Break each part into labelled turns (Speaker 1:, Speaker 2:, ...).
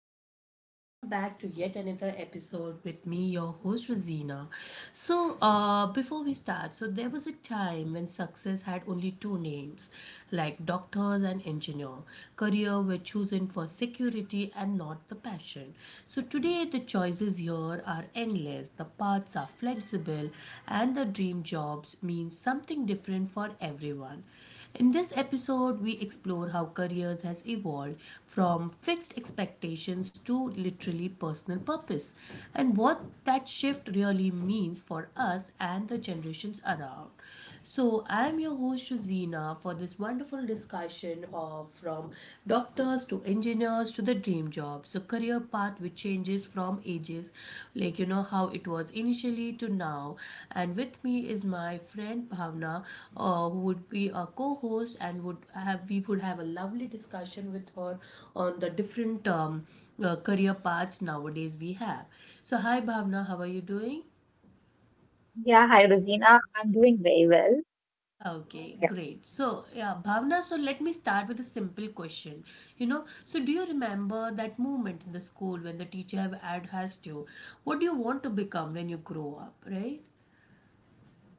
Speaker 1: everyone, welcome back to yet another episode with me, your host Rosina. Before we start, so there was a time when success had only two names, like doctors and engineer. Career were chosen for security and not the passion. So today the choices here are endless. The paths are flexible, and the dream jobs means something different for everyone. In this episode, we explore how careers has evolved from fixed expectations to literally personal purpose and what that shift really means for us and the generations around. So, I am your host Shazina for this wonderful discussion of from doctors to engineers to the dream job. So career path which changes from ages, like you know how it was initially to now. And with me is my friend Bhavna, who would be a co-host and would have we would have a lovely discussion with her on the different career paths nowadays we have. So hi Bhavna, how are you doing?
Speaker 2: Yeah, hi Rosina. I'm doing very well. So,
Speaker 1: Okay,
Speaker 2: yeah.
Speaker 1: great. So, yeah, Bhavna, so let me start with a simple question. You know, so do you remember that moment in the school when the teacher asked you, what do you want to become when you grow up, right?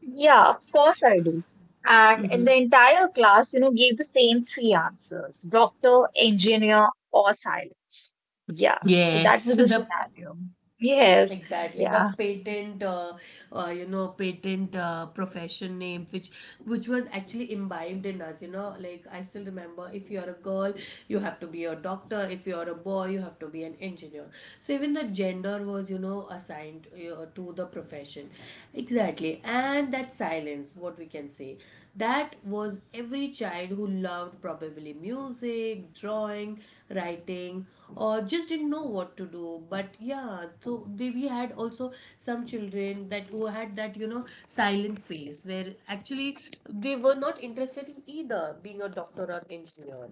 Speaker 2: Yeah, of course I do. And in
Speaker 1: Hmm.
Speaker 2: the entire class, you know, gave the same three answers: doctor, engineer, or silence. Yeah. So that
Speaker 1: Yes,
Speaker 2: was the
Speaker 1: the
Speaker 2: scenario. Yes.
Speaker 1: exactly, the
Speaker 2: Yeah.
Speaker 1: patent, you know, patent profession name, which was actually imbibed in us. You know, like I still remember, if you're a girl, you have to be a doctor. If you're a boy, you have to be an engineer. So even the gender was, you know, assigned to the profession. Exactly, and that silence, what we can say, that was every child who loved probably music, drawing, writing or just didn't know what to do, but yeah, so they, we had also some children that who had that you know silent phase where actually they were not interested in either being a doctor or engineer.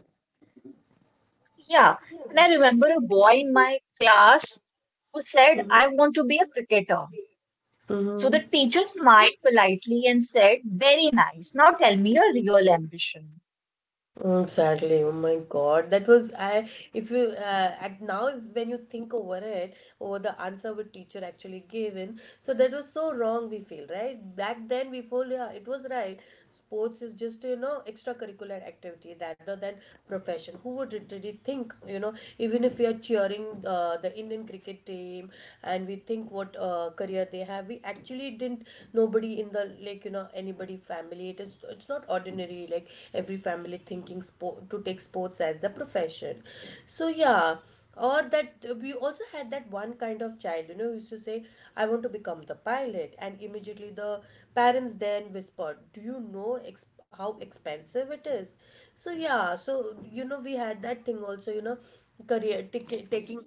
Speaker 2: Yeah. And I remember a boy in my class who said, I want to be a cricketer. So the
Speaker 1: Mm-hmm.
Speaker 2: teacher smiled politely and said, very nice. Now tell me your real ambition.
Speaker 1: Mm, sadly! Oh my God, that was I. If you act now, if, when you think over it, over the answer which teacher actually given, so that was so wrong. We feel right back then. We feel yeah, it was right. Sports is just you know extracurricular activity rather than profession. Who would really think you know even if we are cheering the Indian cricket team and we think what career they have, we actually didn't, nobody in the, like you know, anybody family, it is, it's not ordinary, like every family thinking sport to take sports as the profession, so yeah. Or that we also had that one kind of child, you know, who used to say I want to become the pilot, and immediately the parents then whispered, do you know how expensive it is, so yeah, so you know we had that thing also, you know, career tic- taking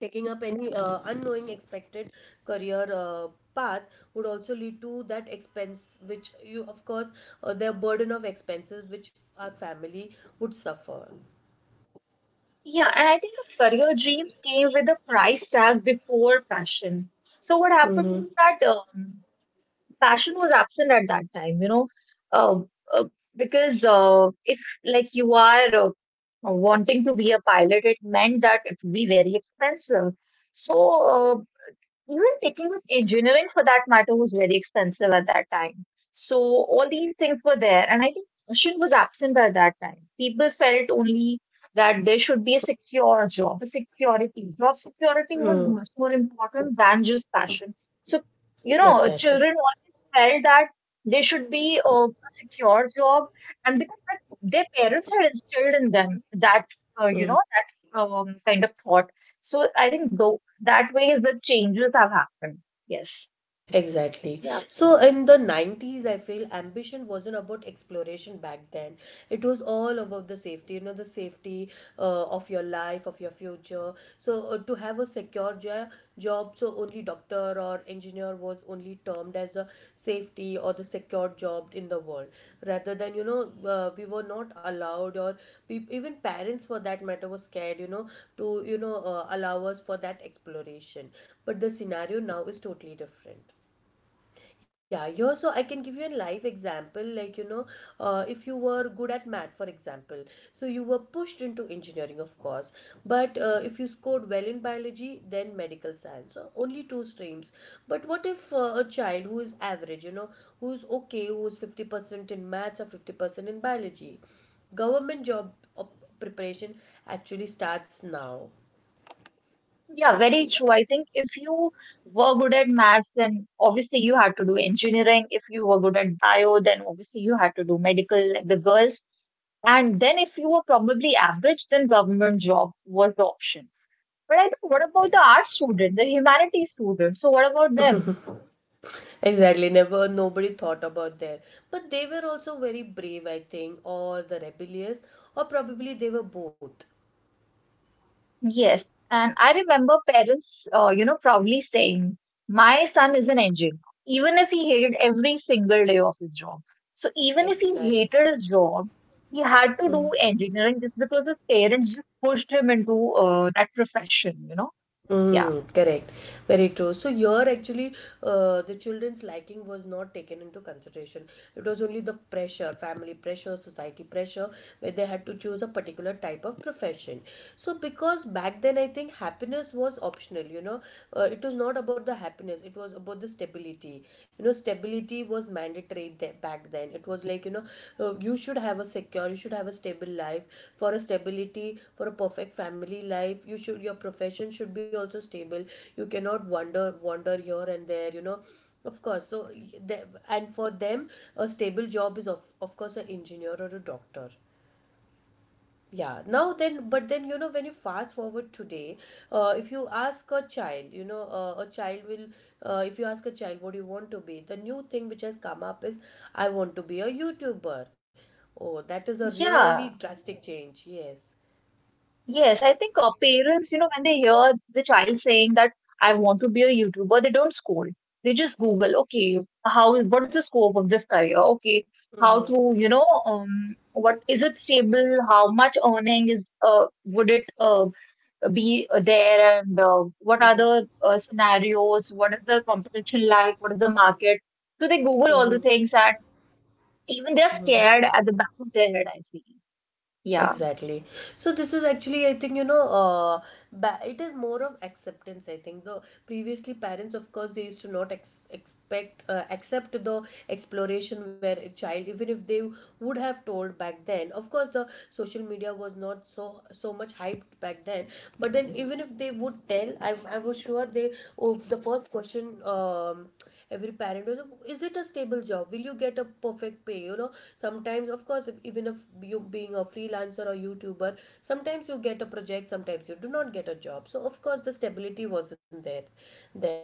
Speaker 1: taking up any unknowing expected career path would also lead to that expense which you of course, their burden of expenses which our family would suffer.
Speaker 2: Yeah, and I think the career dreams came with a price tag before fashion. So what happened
Speaker 1: Mm-hmm.
Speaker 2: was that fashion was absent at that time, you know, uh, uh, because if like you are wanting to be a pilot, it meant that it would be very expensive. So uh, even taking up engineering for that matter was very expensive at that time. So all these things were there, and I think passion was absent by that time. People felt only that there should be a secure job, a security. Job security was
Speaker 1: Mm,
Speaker 2: much more important than just passion. So, you know,
Speaker 1: exactly.
Speaker 2: children always felt that they should be a secure job, and because that, their parents had instilled in them that, you know, that kind of thought. So I think though that way the changes have happened. Yes.
Speaker 1: Exactly.
Speaker 2: Yeah.
Speaker 1: So in the 90s, I feel ambition wasn't about exploration back then. It was all about the safety, you know, the safety of your life, of your future. So to have a job, so only doctor or engineer was only termed as the safety or the secure job in the world. Rather than, you know, we were not allowed or we, even parents for that matter were scared, you know, to, you know, allow us for that exploration. But the scenario now is totally different. Yeah, you, so I can give you a live example. Like, you know, if you were good at math, for example, so you were pushed into engineering, of course. But if you scored well in biology, then medical science. So only two streams. But what if a child who is average, you know, who's okay, who's 50% in maths or 50% in biology? Government job op- preparation actually starts now.
Speaker 2: Yeah, very true. I think if you were good at maths, then obviously you had to do engineering. If you were good at bio, then obviously you had to do medical, like the girls. And then if you were probably average, then government job was the option. But I think what about the art student, the humanities student? So what about them?
Speaker 1: Exactly, never nobody thought about that. But they were also very brave, I think, or the rebellious, or probably they were both.
Speaker 2: Yes, and I remember parents, you know, proudly saying, "My son is an engineer, even if he hated every single day of his job." So even if he
Speaker 1: Exactly.
Speaker 2: hated his job, he had to
Speaker 1: Mm.
Speaker 2: do engineering just because his parents just pushed him into that profession. You know, yeah,
Speaker 1: Mm, correct. Very true. So here actually, the children's liking was not taken into consideration. It was only the pressure, family pressure, society pressure, where they had to choose a particular type of profession. So because back then, I think happiness was optional. You know, it was not about the happiness. It was about the stability. You know, stability was mandatory back then, it was like, you know, you should have a secure, you should have a stable life, for a stability, for a perfect family life, you should, your profession should be also stable, you cannot wander here and there, you know, of course. So and for them a stable job is of course an engineer or a doctor. Yeah, now then, but then, you know, when you fast forward today, if you ask a child, you know, a child will, if you ask a child what do you want to be, the new thing which has come up is, I want to be a YouTuber. Oh, that is a really
Speaker 2: yeah.
Speaker 1: drastic change. Yes.
Speaker 2: Yes, I think parents, you know, when they hear the child saying that I want to be a YouTuber, they don't scold. They just Google, okay, how, what is the scope of this career? Okay, how to, you know, what is it stable? How much earning is, would it be there? And what are the scenarios? What is the competition like? What is the market? So they Google all
Speaker 1: Mm-hmm.
Speaker 2: the things and even they're
Speaker 1: Mm-hmm.
Speaker 2: scared at the back of their head, I feel. Yeah.
Speaker 1: Exactly. So this is actually, I think, you know, it is more of acceptance. I think the previously parents, of course, they used to not ex- expect accept the exploration where a child, even if they would have told back then. Of course, the social media was not so much hyped back then. But then, even if they would tell, I was sure they. Of the first question, every parent was, is it a stable job, will you get a perfect pay, you know, sometimes of course even if you being a freelancer or youtuber, sometimes you get a project, sometimes you do not get a job, so of course the stability wasn't there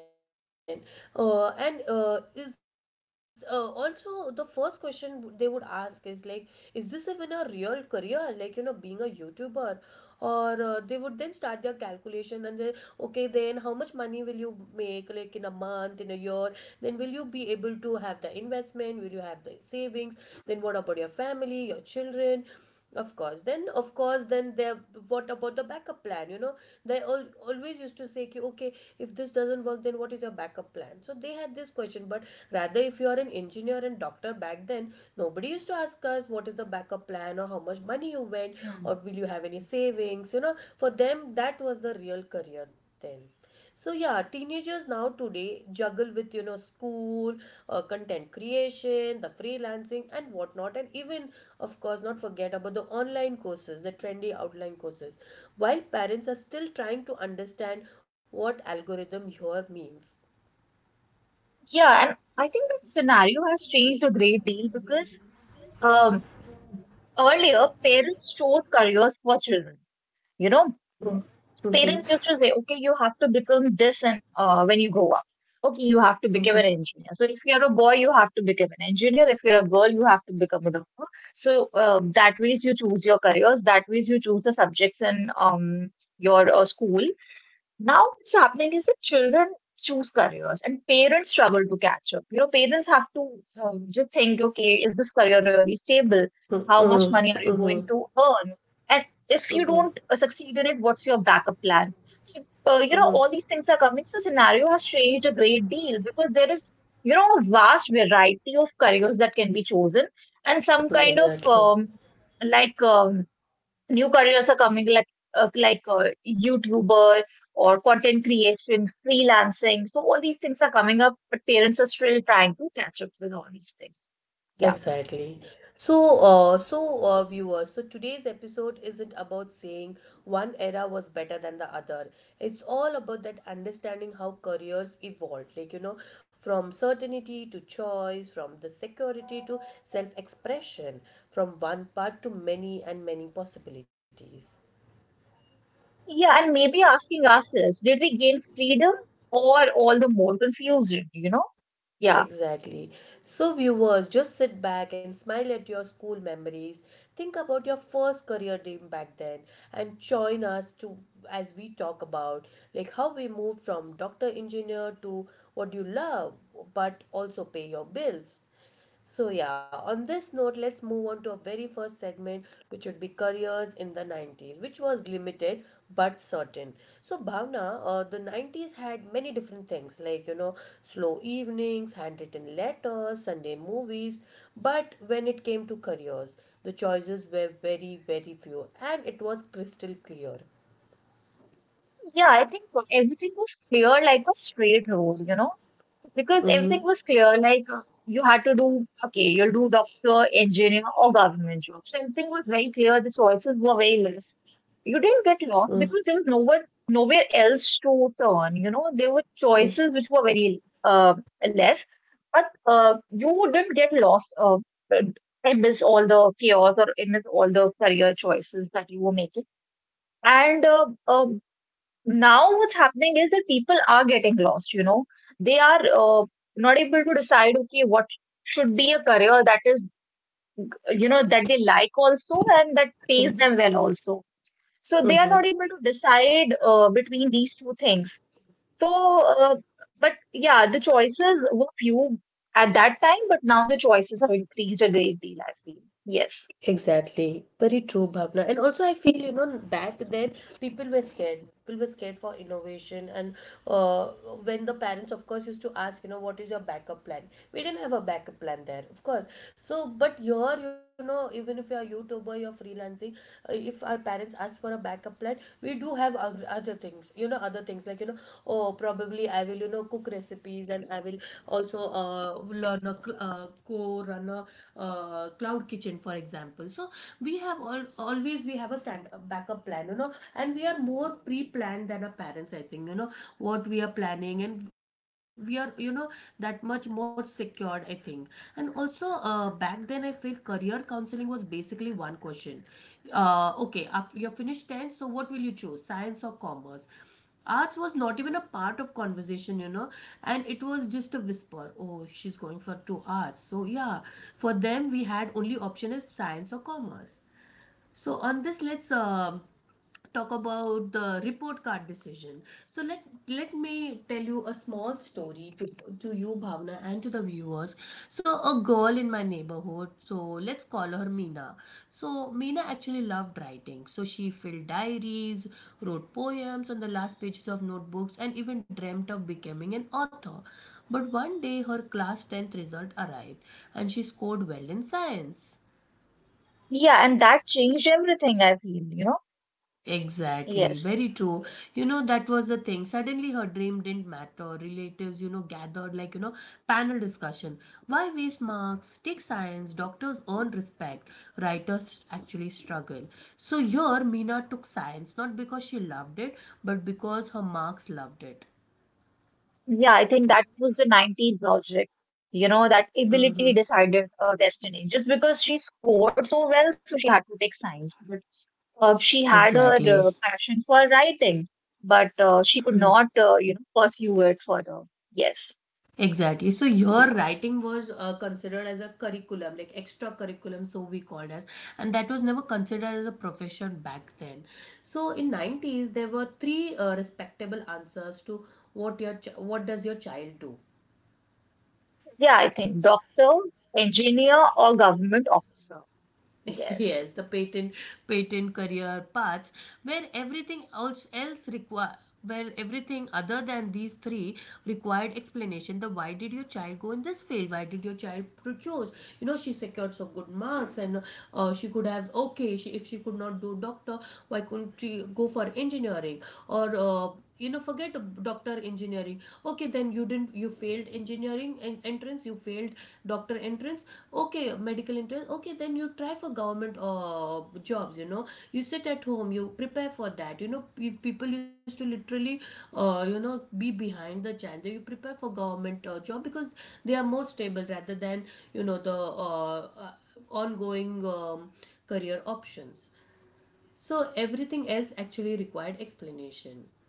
Speaker 1: then. And is Also the first question they would ask is like, is this even a real career, like you know being a youtuber, or they would then start their calculation, and they, okay, then how much money will you make, like in a month, in a year, then will you be able to have the investment, will you have the savings, then what about your family, your children, of course then, of course then there, what about the backup plan, you know, they all, always used to say ki, okay, if this doesn't work then what is your backup plan, so they had this question. But rather if you are an engineer and doctor back then, nobody used to ask us what is the backup plan or how much money you went or
Speaker 2: Hmm.
Speaker 1: will you have any savings, you know, for them that was the real career then. So yeah, teenagers now today juggle with you know school, content creation, the freelancing and whatnot, and even of course not forget about the online courses, the trendy outline courses. While parents are still trying to understand what algorithm here means.
Speaker 2: Yeah, and I think the scenario has changed a great deal because um, earlier parents chose careers for children. You know, parents
Speaker 1: Mm-hmm.
Speaker 2: used to say, okay, you have to become this and when you grow up. Okay, you have to become an engineer. So if you're a boy, you have to become an engineer. If you're a girl, you have to become a doctor. So that ways you choose your careers. That ways you choose the subjects in your school. Now what's happening is that children choose careers and parents struggle to catch up. You know, parents have to just think, okay, is this career really stable? How
Speaker 1: Mm-hmm.
Speaker 2: much money are
Speaker 1: Mm-hmm.
Speaker 2: you going to earn? And if you
Speaker 1: Mm-hmm.
Speaker 2: don't succeed in it, what's your backup plan? So, you know,
Speaker 1: Mm-hmm.
Speaker 2: all these things are coming. So, scenario has changed a great deal because there is, you know, a vast variety of careers that can be chosen and some kind of
Speaker 1: Exactly.
Speaker 2: like, new careers are coming like YouTuber or content creation, freelancing. So all these things are coming up, but parents are still trying to catch up with all these things. Yeah,
Speaker 1: Exactly. So, viewers, so today's episode isn't about saying one era was better than the other. It's all about that understanding how careers evolved, like you know, from certainty to choice, from the security to self-expression, from one path to many and many possibilities.
Speaker 2: yeah, and maybe asking ourselves, did we gain freedom or all the more confusion? You know? Yeah,
Speaker 1: Exactly. So, viewers, just sit back and smile at your school memories. Think about your first career dream back then and join us to as we talk about like how we moved from doctor engineer to what you love but also pay your bills. So, yeah, on this note, let's move on to our very first segment, which would be careers in the 90s, which was limited but certain. So, Bhavna, the 90s had many different things like, you know, slow evenings, handwritten letters, Sunday movies. But when it came to careers, the choices were very, very few and it was crystal clear.
Speaker 2: yeah. I think everything was clear like a straight road. You know because everything was clear. Like you had to do okay, you'll do doctor, engineer, or government job. So everything was very clear. The choices were very less. You didn't get lost because there was nowhere else to turn. You know, there were
Speaker 1: Mm-hmm.
Speaker 2: choices which were very less, but you didn't get lost. Amidst all the chaos or amidst all the career choices that you were making. And now what's happening is that people are getting lost, you know, they are not able to decide okay what should be a career that is, you know, that they like also and that pays them well also. So they are not able to decide between these two things. So uh, but yeah, the choices were few at that time, but now the choices have increased a great deal, I feel. Yes.
Speaker 1: Exactly. Very true, Bhavna. And also, I feel, you know, back then people were scared. People were scared for innovation. And uh, when the parents, of course, used to ask, you know, what is your backup plan? We didn't have a backup plan there, of course. So, but here, you know, even if you're a YouTuber, you're freelancing, if our parents ask for a backup plan, we do have our other things, other things like, you know, oh, probably I will, you know, cook recipes, and I will also learn a cl- co run a cloud kitchen, for example. So we have a backup plan, you know, and we are more pre-planned than our parents, I think, you know, what we are planning, and we are, you know, that much more secured, I think. And also back then, I feel career counseling was basically one question. Okay after you're finished 10th, so what will you choose, science or commerce? Arts was not even a part of conversation, you know, and it was just a whisper. Oh, she's going for two arts. So yeah, for them, we had only option is science or commerce. So on this, let's talk about the report card decision. So let me tell you a small story to you, Bhavna, and to the viewers. So a girl in my neighborhood. So let's call her Meena. So Meena actually loved writing. So she filled diaries, wrote poems on the last pages of notebooks, and even dreamt of becoming an author. But one day her class 10th result arrived and she scored well in science.
Speaker 2: Yeah, and that changed everything, I feel, you know.
Speaker 1: Exactly,
Speaker 2: Yes.
Speaker 1: very true. You know, that was the thing. Suddenly, her dream didn't matter. Relatives, you know, gathered like, you know, panel discussion. Why waste marks? Take science. Doctors earn respect. Writers actually struggle. So here, Meena took science not because she loved it, but because her marks loved it.
Speaker 2: Yeah, I think that was the 90s logic. You know, that
Speaker 1: Mhm.
Speaker 2: ability decided her destiny. Just because she scored so well, so she had to take science. But she had her
Speaker 1: Exactly.
Speaker 2: passion for writing, but she could not, you know, pursue it further. Yes.
Speaker 1: Exactly. So
Speaker 2: Yeah.
Speaker 1: your writing was considered as a curriculum, like extra curriculum, so we called as, and that was never considered as a profession back then. So in nineties, there were three respectable answers to what does your child do.
Speaker 2: Yeah, I think doctor, engineer, or government officer. Yes.
Speaker 1: Yes, the patent career paths where everything else else require where everything other than these three required explanation, the why did your child go in this field, why did your child choose, you know, she secured so good marks. And she could have, okay, if she could not do doctor, why couldn't she go for engineering? Or you know, forget doctor, engineering. Okay, then you didn't you failed engineering, entrance, you failed doctor entrance, okay, medical entrance. Okay, then you try for government jobs, you know, you sit at home, you prepare for that, you know. Pe- people used to literally you know, be behind the child, you prepare for government job, because they are more stable rather than, you know, the uh, uh, ongoing career options. So everything else actually required explanation.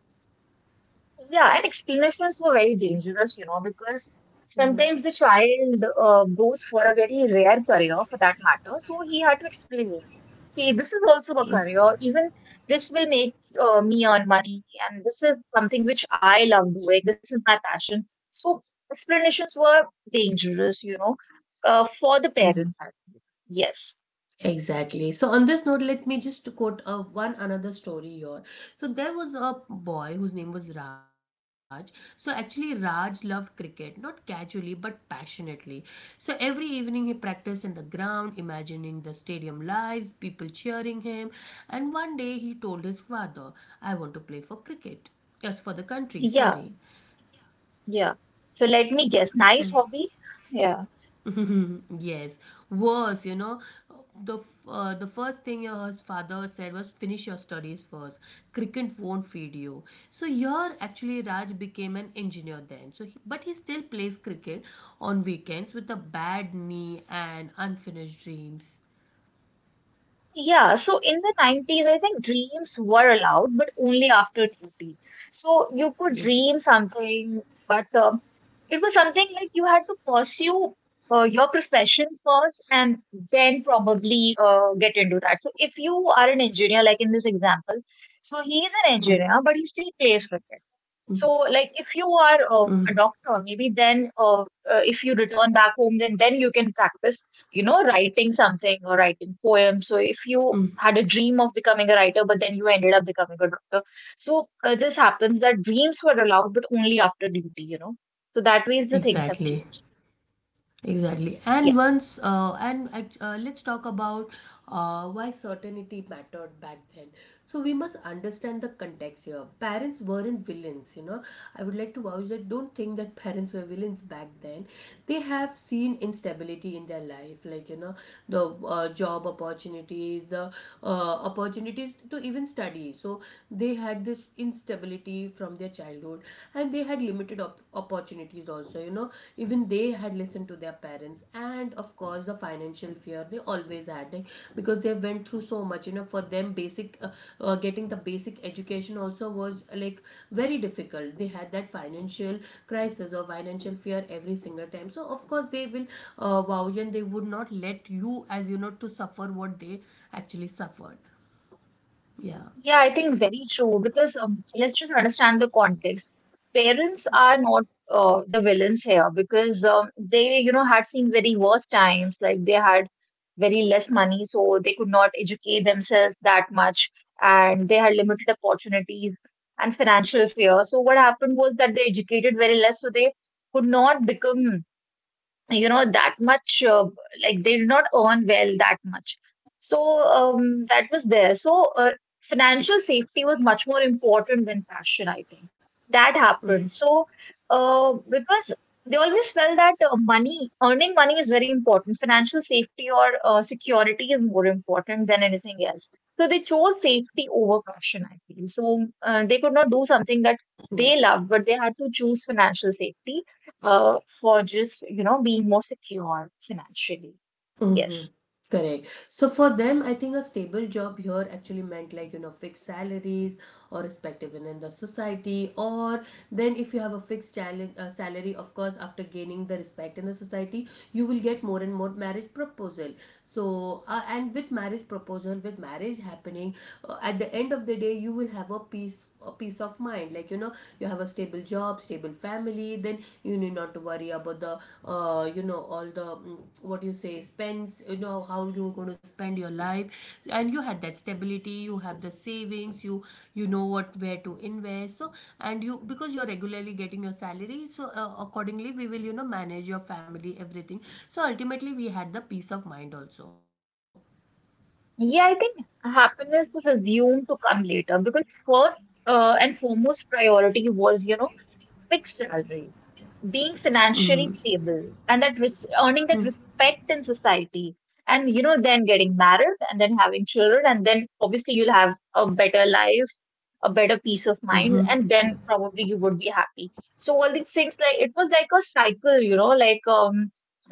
Speaker 2: Yeah, and explanations were very dangerous, you know, because sometimes the child goes for a very rare career for that matter. So he had to explain, okay, this is also a career. Even this will make me earn money, and this is something which I love doing. This is my passion. So explanations were dangerous, you know, for the parents. I think. Yes.
Speaker 1: Exactly. So on this note, let me just quote one another story here. So there was a boy whose name was Raj. So actually, Raj loved cricket, not casually but passionately. So every evening he practiced in the ground, imagining the stadium lights, people cheering him. And one day he told his father, "I want to play for cricket." That's for the country. Sorry.
Speaker 2: Yeah. Yeah. So let me guess. Nice hobby. Yeah.
Speaker 1: Yes, worse, you know, the first thing your father said was finish your studies first. Cricket won't feed you. So here actually Raj became an engineer then. So he, but he still plays cricket on weekends with a bad knee and unfinished dreams.
Speaker 2: Yeah, so in the 90s, I think dreams were allowed, but only after 30. So you
Speaker 1: Ex-
Speaker 2: could dream something, but it was something like you had to pursue your profession first and then probably get into that. So if you are an engineer, like in this example, so he is an
Speaker 1: Mm,
Speaker 2: engineer, but he still plays cricket.
Speaker 1: mm,
Speaker 2: So like if you are
Speaker 1: mm,
Speaker 2: a doctor, maybe then if you return back home, then you can practice, you know, writing something or writing poems. So if
Speaker 1: mm.
Speaker 2: you had a dream of becoming a writer, but then you ended up becoming a doctor. So this happens that dreams were allowed, but only after duty, you know. So that way the things have
Speaker 1: Exactly.
Speaker 2: changed.
Speaker 1: Exactly. And
Speaker 2: Yeah.
Speaker 1: once, and act- Let's talk about why certainty mattered back then. So we must understand the context here. Parents weren't villains, you know. I would like to vouch that don't think that parents were villains back then. They have seen instability in their life, like, you know, the job opportunities, the opportunities to even study. So they had this instability from their childhood, and they had limited opportunities also, you know, even they had listened to their parents. And of course the financial fear they always had, like, because they went through so much, you know, for them basic getting the basic education also was like very difficult. They had that financial crisis or financial fear every single time. So of course they will vouch, and they would not let you, as you know, to suffer what they actually suffered, yeah.
Speaker 2: Yeah, I think very true because let's just understand the context. Parents are not the villains here because they, you know, had seen very worse times. Like they had very less money, so they could not educate themselves that much, and they had limited opportunities and financial fear. So what happened was that they educated very less, so they could not become, you know, that much like they did not earn well that much. So that was there. So financial safety was much more important than passion, I think, that happened. So because they always felt that money, earning money, is very important. Financial safety or security is more important than anything else. So they chose safety over passion, I feel. So they could not do something that they loved, but they had to choose financial safety for just, you know, being more secure financially.
Speaker 1: Mm-hmm.
Speaker 2: Yes.
Speaker 1: Correct. So for them, I think a stable job here actually meant, like, you know, fixed salaries or respective in the society. Or then if you have a fixed challenge, salary, of course, after gaining the respect in the society, you will get more and more marriage proposal. So and with marriage proposal, with marriage happening, at the end of the day, you will have a peace of mind. Like, you know, you have a stable job, stable family, then you need not to worry about the you know, all the what you say spends, you know, how you're going to spend your life. And you had that stability, you have the savings, you know what, where to invest. So, and you because you're regularly getting your salary, so accordingly we will, you know, manage your family, everything. So ultimately we had the peace of mind also.
Speaker 2: Yeah, I think happiness was assumed to come later, because first and foremost priority was, you know, fixed salary, being financially stable and that earning that respect in society, and you know, then getting married and then having children, and then obviously you'll have a better life, a better peace of mind, and
Speaker 1: Mm-hmm.
Speaker 2: then probably you would be happy. So all these things, like it was like a cycle, you know,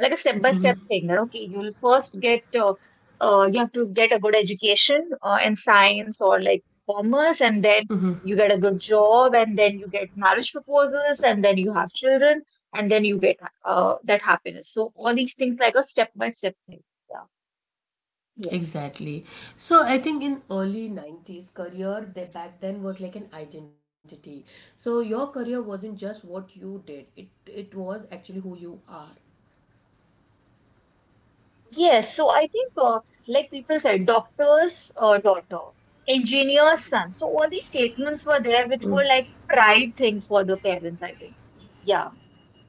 Speaker 2: like a step by step thing that okay, you'll first get you have to get a good education in science or like commerce, and then
Speaker 1: Mm-hmm.
Speaker 2: you get a good job, and then you get marriage proposals, and then you have children, and then you get that happiness. So all these things like a step by step thing. Yeah. Yes.
Speaker 1: Exactly. So I think in early 90s career they, back then was like an identity. So your career wasn't just what you did. It was actually who you are.
Speaker 2: Yes. So I think like people said, doctor's daughter, engineer's son. So all these statements were there, which were like pride thing for the parents. I think. Yeah.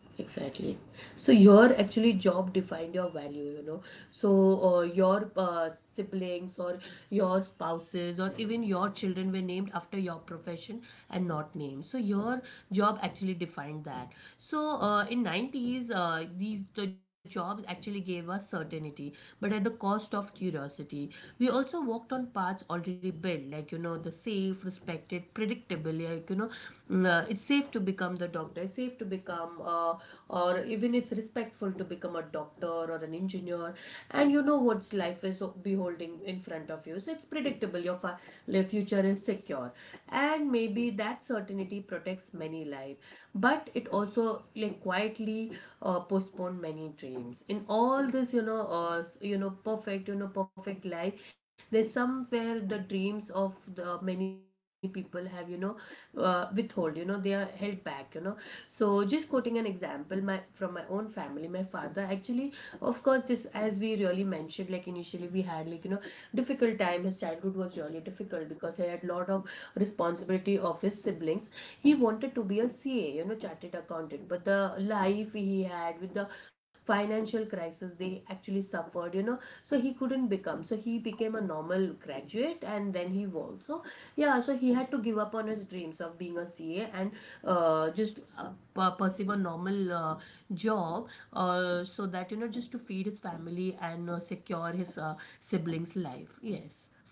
Speaker 1: Exactly. So your actually job defined your value, you know. So your siblings or your spouses or even your children were named after your profession and not names. So your job actually defined that. So in 90s, these the jobs actually gave us certainty, but at the cost of curiosity. We also walked on paths already built, like, you know, the safe, respected, predictable. Yeah, like, you know, it's safe to become the doctor. It's safe to become, or even it's respectful to become a doctor or an engineer. And you know what life is beholding in front of you, so it's predictable. Life future is secure, and maybe that certainty protects many lives, but it also, like, quietly postpone many dreams. In all this, you know, you know, perfect life, there's somewhere the dreams of the many people have, you know, withhold, you know, they are held back, you know. So, just quoting an example, my, from my own family, my father actually, of course this, as we really mentioned, like initially we had, like, you know, difficult time. His childhood was really difficult because he had lot of responsibility of his siblings. He wanted to be a CA, you know, chartered accountant. But the life he had with the financial crisis they actually suffered, you know, so he couldn't become. So he became a normal graduate and then he worked. So yeah, so he had to give up on his dreams of being a CA, and just pursue a normal job, so that, you know, just to feed his family and secure his siblings life, yes.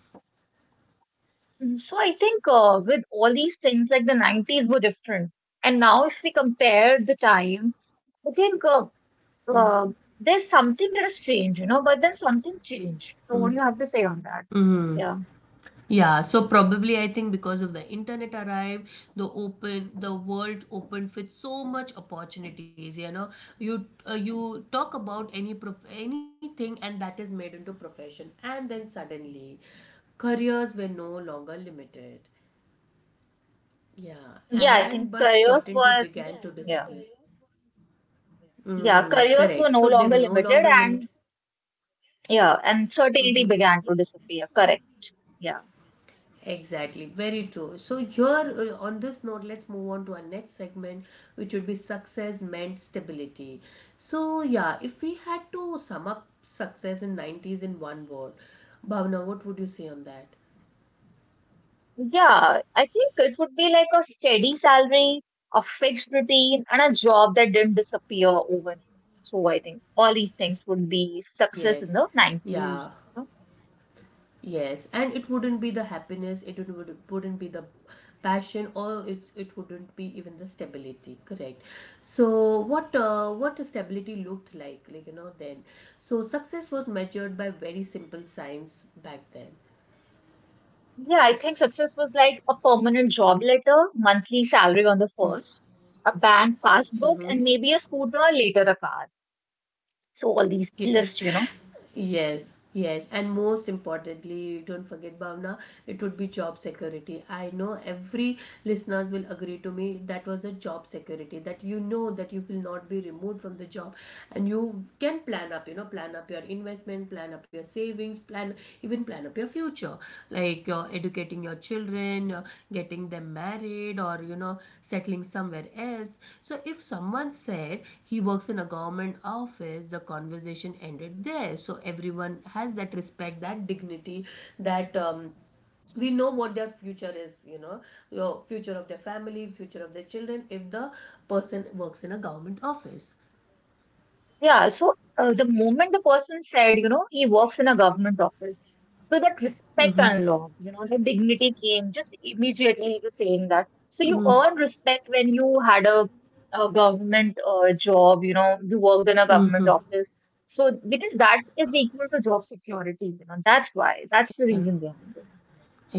Speaker 2: Mm, so I think with all these things, like the 90s were different, and now if we compare the time, I think uh,
Speaker 1: Mm-hmm.
Speaker 2: there's something that has changed, you know, but then something changed. So what do you have to say on that?
Speaker 1: Mm-hmm.
Speaker 2: Yeah.
Speaker 1: Yeah, so probably I think because of the internet arrived, the world opened with so much opportunities. You know, you talk about anything, and that is made into profession, and then suddenly, careers were no longer limited. Yeah,
Speaker 2: Yeah, I
Speaker 1: and
Speaker 2: think
Speaker 1: but
Speaker 2: careers
Speaker 1: certainty
Speaker 2: were,
Speaker 1: began to disappear.
Speaker 2: yeah,
Speaker 1: Mm-hmm,
Speaker 2: yeah, careers
Speaker 1: correct.
Speaker 2: were
Speaker 1: So
Speaker 2: no
Speaker 1: they were
Speaker 2: longer
Speaker 1: no
Speaker 2: limited,
Speaker 1: longer limited.
Speaker 2: and yeah, and certainty began to disappear. Correct. Yeah.
Speaker 1: Exactly, very true. So here, on this note, let's move on to our next segment, which would be success meant stability. So yeah, if we had to sum up success in 90s in one word, Bhavna, what would you say on that?
Speaker 2: Yeah, I think it would be like a steady salary, a fixed routine, and a job that didn't disappear overnight. So I think all these things would be success
Speaker 1: Yes,
Speaker 2: in the
Speaker 1: yeah.
Speaker 2: 90s. You know.
Speaker 1: Yes, and it wouldn't be the happiness, it would, wouldn't be the passion, or it wouldn't be even the stability, correct? So, what the stability looked like, you know, then. So, success was measured by very simple signs back
Speaker 2: Yeah, I think success was like a permanent job letter, monthly salary on the first, a bank passbook,
Speaker 1: then.
Speaker 2: and maybe a scooter or later a car. So all these
Speaker 1: Yes,
Speaker 2: lists.
Speaker 1: yes, yes. And most importantly, don't forget, Bhavna, it would be job security. I know every listeners will agree to me that was the job security, that you know that you will not be removed from the job, and you can plan up, you know, plan up your investment, plan up your savings, plan even plan up your future, like you're educating your children, you're getting them married or, you know, settling somewhere else. So if someone said he works in a government office, the conversation ended there. So everyone has that respect, that dignity, that we know what their future is, you know, your future of their family, future of their children, if the person works in a government office.
Speaker 2: Yeah, so the moment the person said, he works in a government office, so that respect unlocked, the dignity came just immediately he saying that. So you earn respect when you had a government job, you worked in a government
Speaker 1: Mhm.
Speaker 2: office. So because that is equal to job security, that's why, that's the reason behind it.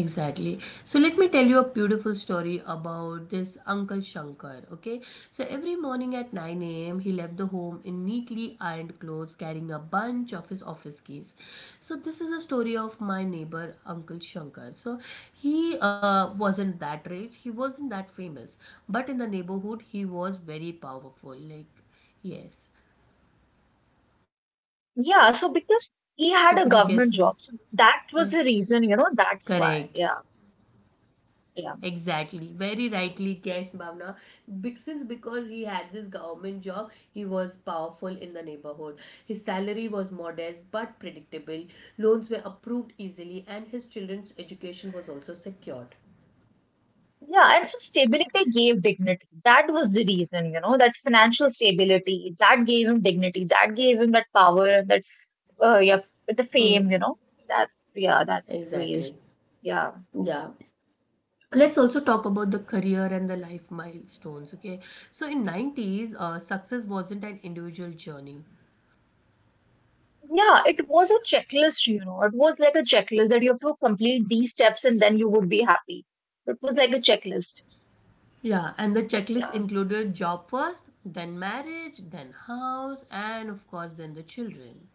Speaker 1: Exactly. So let me tell you a beautiful story about this Uncle Shankar. Okay. So every morning at 9 a.m., he left the home in neatly ironed clothes, carrying a bunch of his office keys. So this is a story of my neighbor, Uncle Shankar. So he wasn't that rich, he wasn't that famous, but in the neighborhood, he was very powerful. Like, yes.
Speaker 2: Yeah, so
Speaker 1: So could you
Speaker 2: because
Speaker 1: guess?
Speaker 2: he had a government job,
Speaker 1: Huh?
Speaker 2: so that was the reason,
Speaker 1: Correct.
Speaker 2: that's why. Yeah, yeah.
Speaker 1: Exactly, very rightly guessed, Bhavna. Be- Since because he had this government job, he was powerful in the neighborhood. His salary was modest but predictable. Loans were approved easily, and his children's education was also secured.
Speaker 2: Yeah, and so stability gave dignity. That was the reason, that financial stability that gave him dignity, that gave him that power, that yeah, the fame, that yeah, that's ways.
Speaker 1: Exactly.
Speaker 2: Yeah,
Speaker 1: Yeah. Let's also talk about the career and the life milestones, okay? So in 90s, success wasn't an individual journey.
Speaker 2: yeah, it was a checklist, it was like a checklist that you have to complete these steps and then you would be happy. It was like a checklist.
Speaker 1: Yeah, and the checklist
Speaker 2: Yeah,
Speaker 1: included job first, then marriage, then house, and of course, then the children.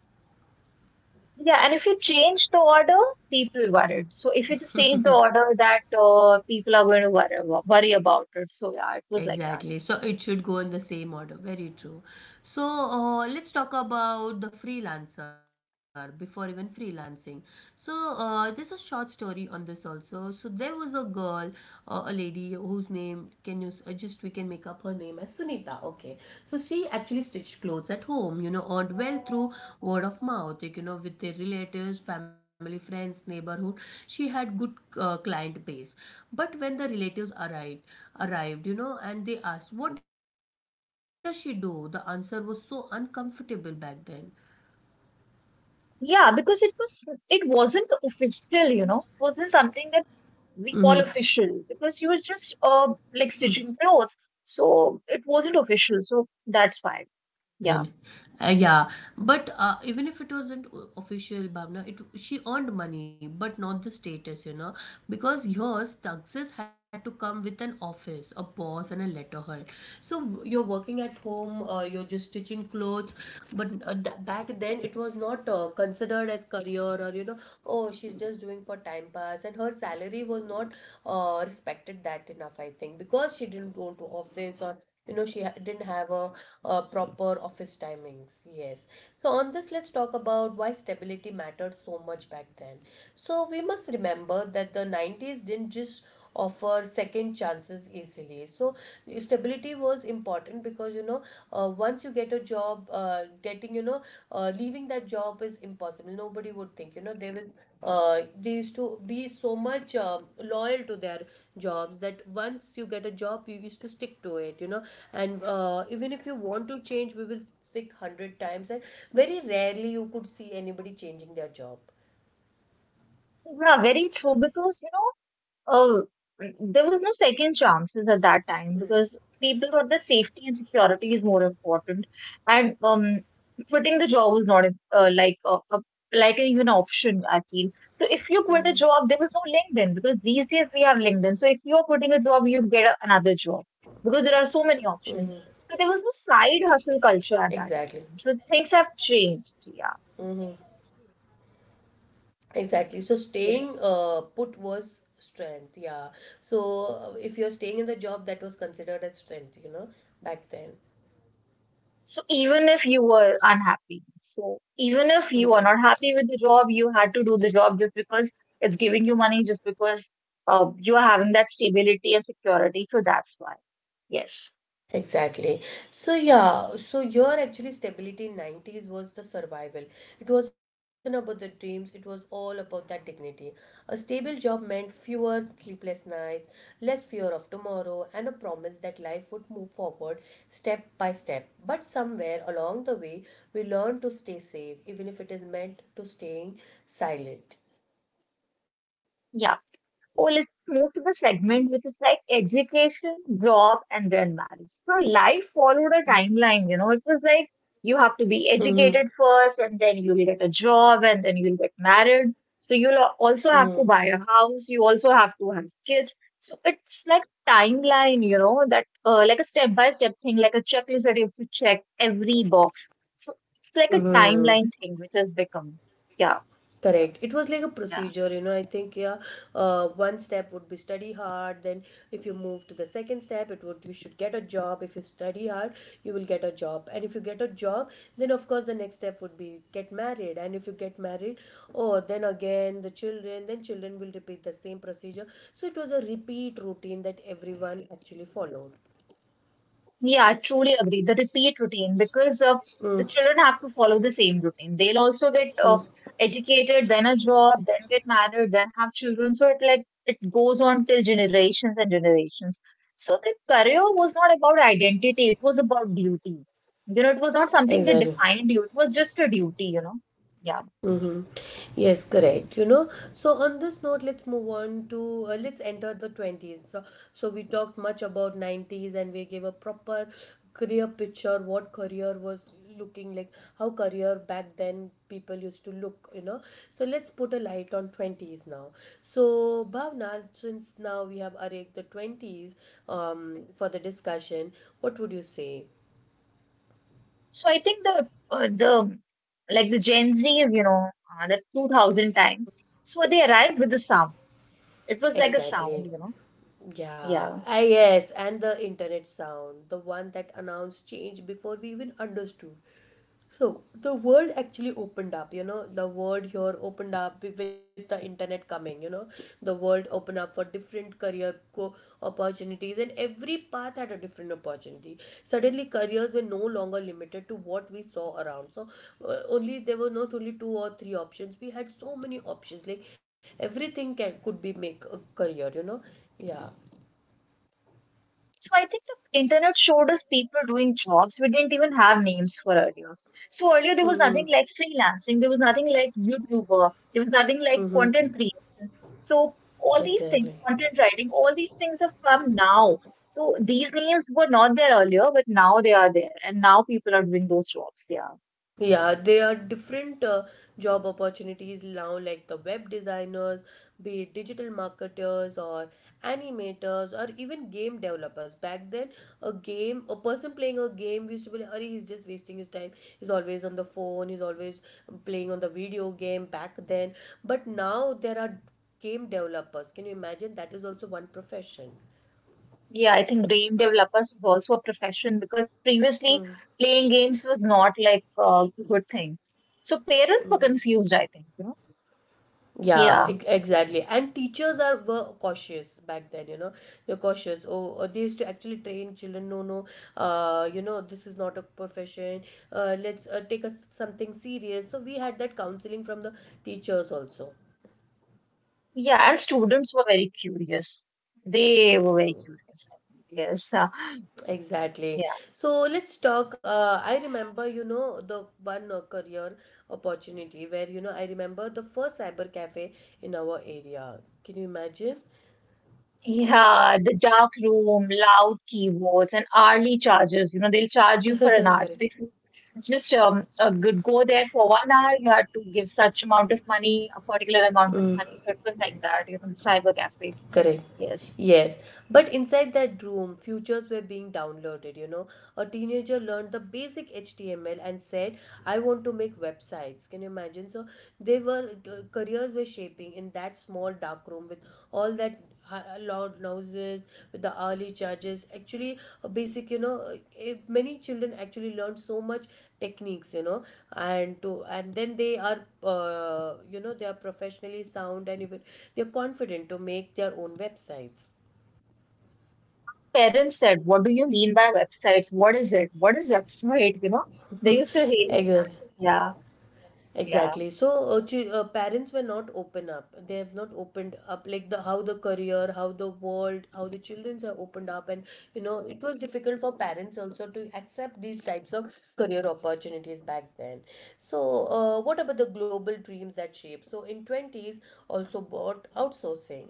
Speaker 2: yeah, and if you change the order, people worried. So if you just change the order, that people are going to worry about it. So yeah, it was like that.
Speaker 1: Exactly. So it should go in the same order. Very true. So let's talk about the freelancer before even freelancing. So there's a short story on this also. So there was a girl, a lady whose name, just we can make up her name as Sunita. Okay. So she actually stitched clothes at home, you know, earned well through word of mouth, like, you know, with their relatives, family, friends, neighborhood. She had good client base. But when the relatives arrived, you know, and they asked, "What does she do?" The answer was so uncomfortable back then.
Speaker 2: Yeah, because it wasn't official, wasn't something that we call official because you were just like stitching clothes, so it wasn't official, so that's why. Yeah,
Speaker 1: Then, yeah, but even if it wasn't official, Bhavna, it she earned money, but not the status, you know, because yours taxes had to come with an office, a boss, and a letterhead. So you're working at home, you're just stitching clothes, but back then it was not considered as career, or you know, oh she's just doing for time pass, and her salary was not respected that enough, I think, because she didn't go to office, or you know didn't have a proper office timings. Yes. So on this, let's talk about why stability mattered so much back then. So we must remember that the 90s didn't just offer second chances easily. So stability was important, because you know, once you get a job, getting, you know, leaving that job is impossible. Nobody would think, you know, they will, they used to be so much loyal to their jobs, that once you get a job you used to stick to it, you know. And even if you want to change, we will stick 100 times, and very rarely you could see anybody changing their job.
Speaker 2: yeah, very true because. Oh, there was no second chances at that time because people thought that safety and security is more important, and quitting the job was not like an even option. I feel so. If you quit a job, there was no LinkedIn because these days we have LinkedIn. So if you are quitting a job, you get another job because there are so many options.
Speaker 1: Mm-hmm.
Speaker 2: So there was no side hustle culture at
Speaker 1: Exactly.
Speaker 2: that time. So things have changed. Yeah.
Speaker 1: Mm-hmm. Exactly. So staying
Speaker 2: Yes.
Speaker 1: put was strength. Yeah. So if you're staying in the job, that was considered as strength, you know, back then.
Speaker 2: So even if you were unhappy, so even if you are
Speaker 1: Mm-hmm.
Speaker 2: not happy with the job, you had to do the job just because it's giving you money, just because you are having that stability and security. So that's why. Yes.
Speaker 1: Exactly. So yeah, so your actually stability in 90s was the survival. It wasn't about the dreams, it was all about that dignity. A stable job meant fewer sleepless nights, less fear of tomorrow, and a promise that life would move forward step by step. But somewhere along the way, we learned to stay safe, even if it is meant to staying silent.
Speaker 2: Yeah. Oh, let's move to the segment which is like education, job, and then marriage. So life followed a timeline. It was like you have to be
Speaker 1: Mm-hmm.
Speaker 2: educated first, and then you'll get a job, and then you'll get married. So you'll also have to buy a house. You also have to have kids. So it's like timeline, that like a step by step thing, like a checklist that you have to check every box. So it's like a timeline thing which has become, yeah.
Speaker 1: Correct. It was like a
Speaker 2: yeah.
Speaker 1: procedure, you know. I think, yeah, one step would be study hard. Then, if you move to the second step, it would you should get a job. If you study hard, you will get a job. And if you get a job, then of course the next step would be get married. And if you get married, oh, then again the children. Then children will repeat the same procedure. So it was a repeat routine that everyone actually followed.
Speaker 2: Yeah, I truly agree. The repeat routine, because the
Speaker 1: Mm-hmm.
Speaker 2: children have to follow the same routine. They'll also get educated, then a job, then get married, then have children. So it like it goes on till generations and generations. So the career was not about identity; it was about duty. You know, it was not something that
Speaker 1: Exactly.
Speaker 2: defined you. It was just a duty. You know, yeah.
Speaker 1: Mm-hmm. Yes, correct. You know, so on this note, let's move on to, let's enter the 20s. So we talked much about 90s, and we gave a proper career picture, what career was looking like, how career back then people used to look, you know. So let's put a light on 20s now. So Bhavna, since now we have arrived the 20s, for the discussion, what would you say
Speaker 2: So I think the like the Gen Z, the 2000 time. So they arrived with the sound. It was like a sound,
Speaker 1: exactly?
Speaker 2: you know
Speaker 1: Yeah,
Speaker 2: Yeah.
Speaker 1: yes, and the internet sound, the one that announced change before we even understood. So the world actually opened up, you know, the world here opened up with the internet coming, you know. The world opened up for different career opportunities, and every path had a different opportunity. Suddenly careers were no longer limited to what we saw around. So only there were not only two or three options, we had so many options, like everything can could be make a career, you know. Yeah.
Speaker 2: So I think the internet showed us people doing jobs we didn't even have names for earlier. So earlier there was
Speaker 1: Mm-hmm.
Speaker 2: nothing like freelancing, there was nothing like YouTuber, there was nothing like
Speaker 1: Mm-hmm.
Speaker 2: content creation. So all these things,
Speaker 1: Exactly.
Speaker 2: content writing, all these things have come now. So these names were not there earlier, but now they are there, and now people are doing those jobs. Yeah.
Speaker 1: Yeah, there are different job opportunities now, like the web designers, be it digital marketers, or animators, or even game developers. Back then, a person playing a game, we used to be like, "Arey, he's just wasting his time. He's always on the phone. He's always playing on the video game." Back then, but now there are game developers. Can you imagine? That is also one profession.
Speaker 2: Yeah, I think game developers is also a profession because previously playing games was not like a good thing. So parents
Speaker 1: Mm-hmm.
Speaker 2: were confused, I think.
Speaker 1: Yeah,
Speaker 2: Yeah,
Speaker 1: exactly. And teachers are were cautious back then, you know. They're cautious. Oh, they used to actually train children. No, no. You know, this is not a profession. Let's take us something serious. So we had that counseling from the teachers also.
Speaker 2: yeah, and students were very curious. They were very
Speaker 1: Mm-hmm.
Speaker 2: curious. I think. Yes,
Speaker 1: Exactly.
Speaker 2: yeah,
Speaker 1: So let's talk. I remember, you know, the one career opportunity where, you know, I remember the first cyber cafe in our area. Can you imagine?
Speaker 2: yeah. The dark room, loud keyboards, and hourly charges. You know, they'll charge you for an hour. So
Speaker 1: Correct.
Speaker 2: if you just a good go there for 1 hour, you had to give such amount of money, a particular amount of money. So it was like that. You know, the cyber cafe.
Speaker 1: Correct.
Speaker 2: Yes.
Speaker 1: Yes. But inside that room, futures were being downloaded, you know. A teenager learned the basic HTML and said, I want to make websites. Can you imagine? So they were, careers were shaping in that small dark room, with all that loud noises, with the early charges. Actually, a basic, you know, many children actually learned so much techniques, you know, and then they are, you know, they are professionally sound, and even they're confident to make their own websites.
Speaker 2: Parents said, "What do you mean by websites? What is it? What is website?" You know, they
Speaker 1: Yes.
Speaker 2: used to hate.
Speaker 1: Exactly.
Speaker 2: Yeah, yeah.
Speaker 1: Exactly. So parents were not open up. They have not opened up, like the how the career, how the world, how the childrens are opened up, and you know it was difficult for parents also to accept these types of career opportunities back then. So what about the global dreams that shape? So in 20s also bought outsourcing.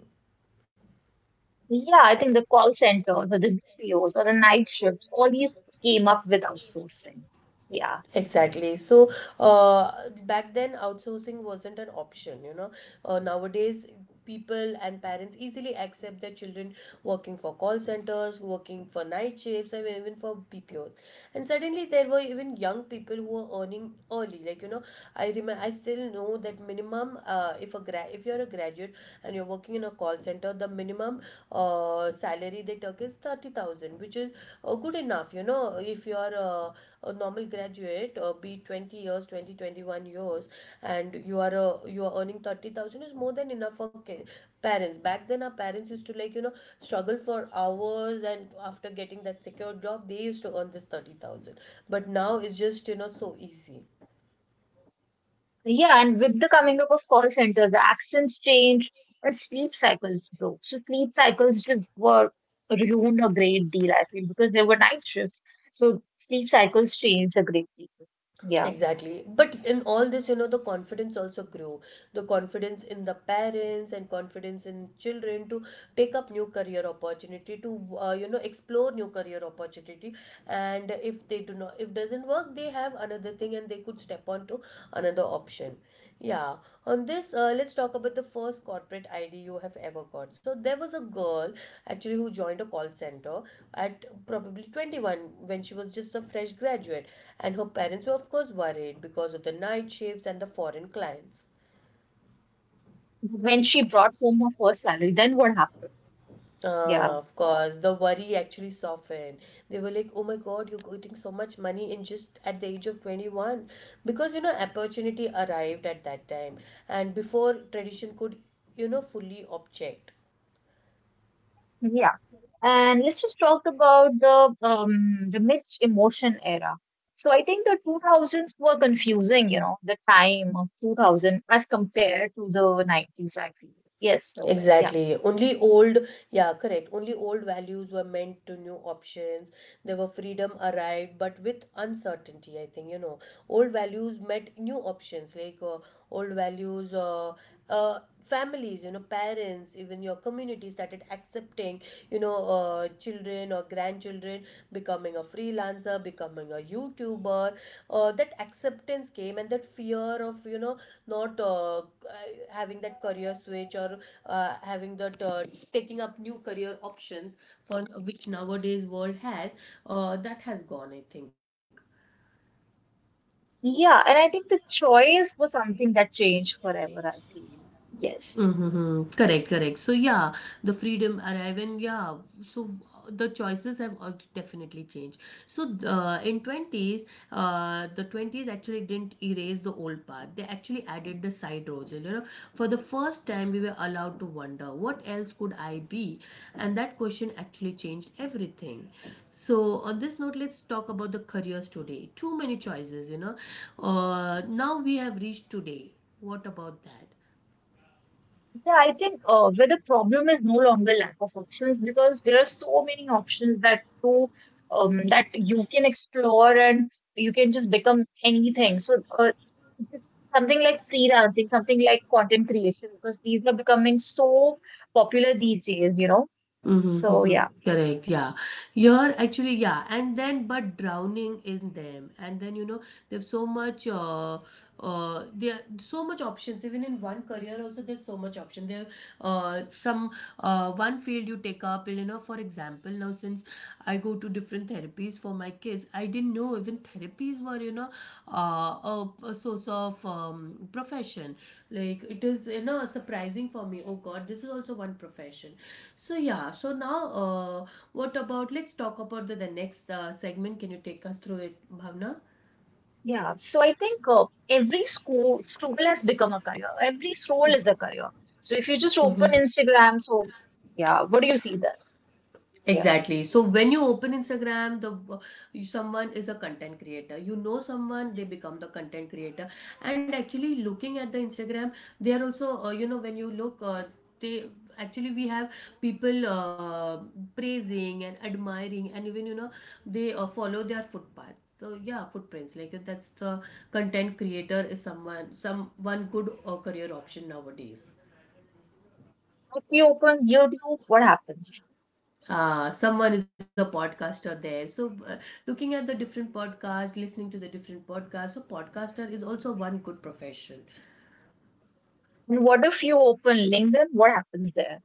Speaker 2: Yeah, I think the call centers or the BPOs or the night shifts, all these came up with outsourcing. Yeah.
Speaker 1: Exactly. So, uh, back then, outsourcing wasn't an option, you know. Nowadays, people and parents easily accept their children working for call centers, working for night shifts, and even for BPOs. And suddenly, there were even young people who were earning early. Like, you know, I remember, I still know that minimum, if you're a graduate and you're working in a call center, the minimum salary they took is 30,000, which is good enough, you know, if you're a normal graduate, be it 20 years, 20 21 years, and you are earning 30,000 is more than enough for parents. Back then, our parents used to, like, you know, struggle for hours, and after getting that secure job they used to earn this 30,000, but now it's just, you know, so easy.
Speaker 2: Yeah, and with the coming up of call centers, the accents changed and sleep cycles broke. So sleep cycles just were ruined a great deal, I feel, because there were night shifts. So sleep cycles changed a great deal. Yeah.
Speaker 1: Exactly. But in all this, you know, the confidence also grew. The confidence in the parents, and confidence in children, to take up new career opportunity, to you know, explore new career opportunity. And if they do not, if doesn't work, they have another thing, and they could step on to another option. Yeah. On this, let's talk about the first corporate ID you have ever got. So there was a girl actually who joined a call center at probably 21, when she was just a fresh graduate, and her parents were of course worried because of the night shifts and the foreign clients.
Speaker 2: When she brought home her first salary, then what happened? Yeah.
Speaker 1: Of course the worry actually softened. They were like, oh my god, you're getting so much money in just at the age of 21, because you know opportunity arrived at that time, and before tradition could, you know, fully object.
Speaker 2: Yeah. And let's just talk about the mixed emotion era. So I think the 2000s were confusing, the time of 2000 as compared to the 90s, I feel. Yes, so yeah.
Speaker 1: Exactly. Only old, yeah, correct. Only old values were meant to new options. There were freedom arrived, but with uncertainty, I think, you know. Old values met new options, like old values, uh, uh, families, you know, parents, even your community started accepting, you know, children or grandchildren becoming a freelancer, becoming a youtuber. That acceptance came, and that fear of, you know, not having that career switch, or having that, taking up new career options, for which nowadays world has, that has gone, I think.
Speaker 2: Yeah, and I think the choice was something that changed forever, I feel. Yes.
Speaker 1: Mm-hmm. Correct, correct. So yeah, the freedom arrive, and yeah, so the choices have definitely changed. So in 20s, the 20s actually didn't erase the old path. They actually added the side roads. You know, for the first time, we were allowed to wonder what else could I be, and that question actually changed everything. So on this note, let's talk about the careers today. Too many choices, you know. Now we have reached today. What about that?
Speaker 2: Yeah, I think where the problem is no longer lack of options because there are so many options that too that you can explore and you can just become anything. So it's something like freelancing, something like content creation, because these are becoming so popular these days.
Speaker 1: Mhm,
Speaker 2: So yeah,
Speaker 1: mhm. Correct, yeah. You're actually, yeah. And then, but drowning in them. And then, there's so much, there are so much options. Even in one career, also, there's so much option. Uh, some, One field you take up, you know, for example, now since I go to different therapies for my kids. I didn't know even therapies were, a source of profession. Like it is, you know, surprising for me. Oh God, this is also one profession. So yeah. So now, what about? Let's talk about the next segment. Can you take us through it, Bhavna?
Speaker 2: yeah. So I think every school has become a career. Every soul is a career. So if you just open Instagram, so yeah, what do you see there? Yeah.
Speaker 1: Exactly. So when you open Instagram, someone is a content creator. You know someone, they become the content creator. And actually, looking at the Instagram, they are also, you know when you look, they actually we have people, praising and admiring, and even you know they follow their footpaths. So yeah, footprints, that's the content creator is someone some one good career option nowadays.
Speaker 2: If you open YouTube, what happens?
Speaker 1: Someone is a podcaster there, so looking at the different podcasts, listening to the different podcasts, so podcaster is also one good profession.
Speaker 2: And what if you open LinkedIn? What happens there?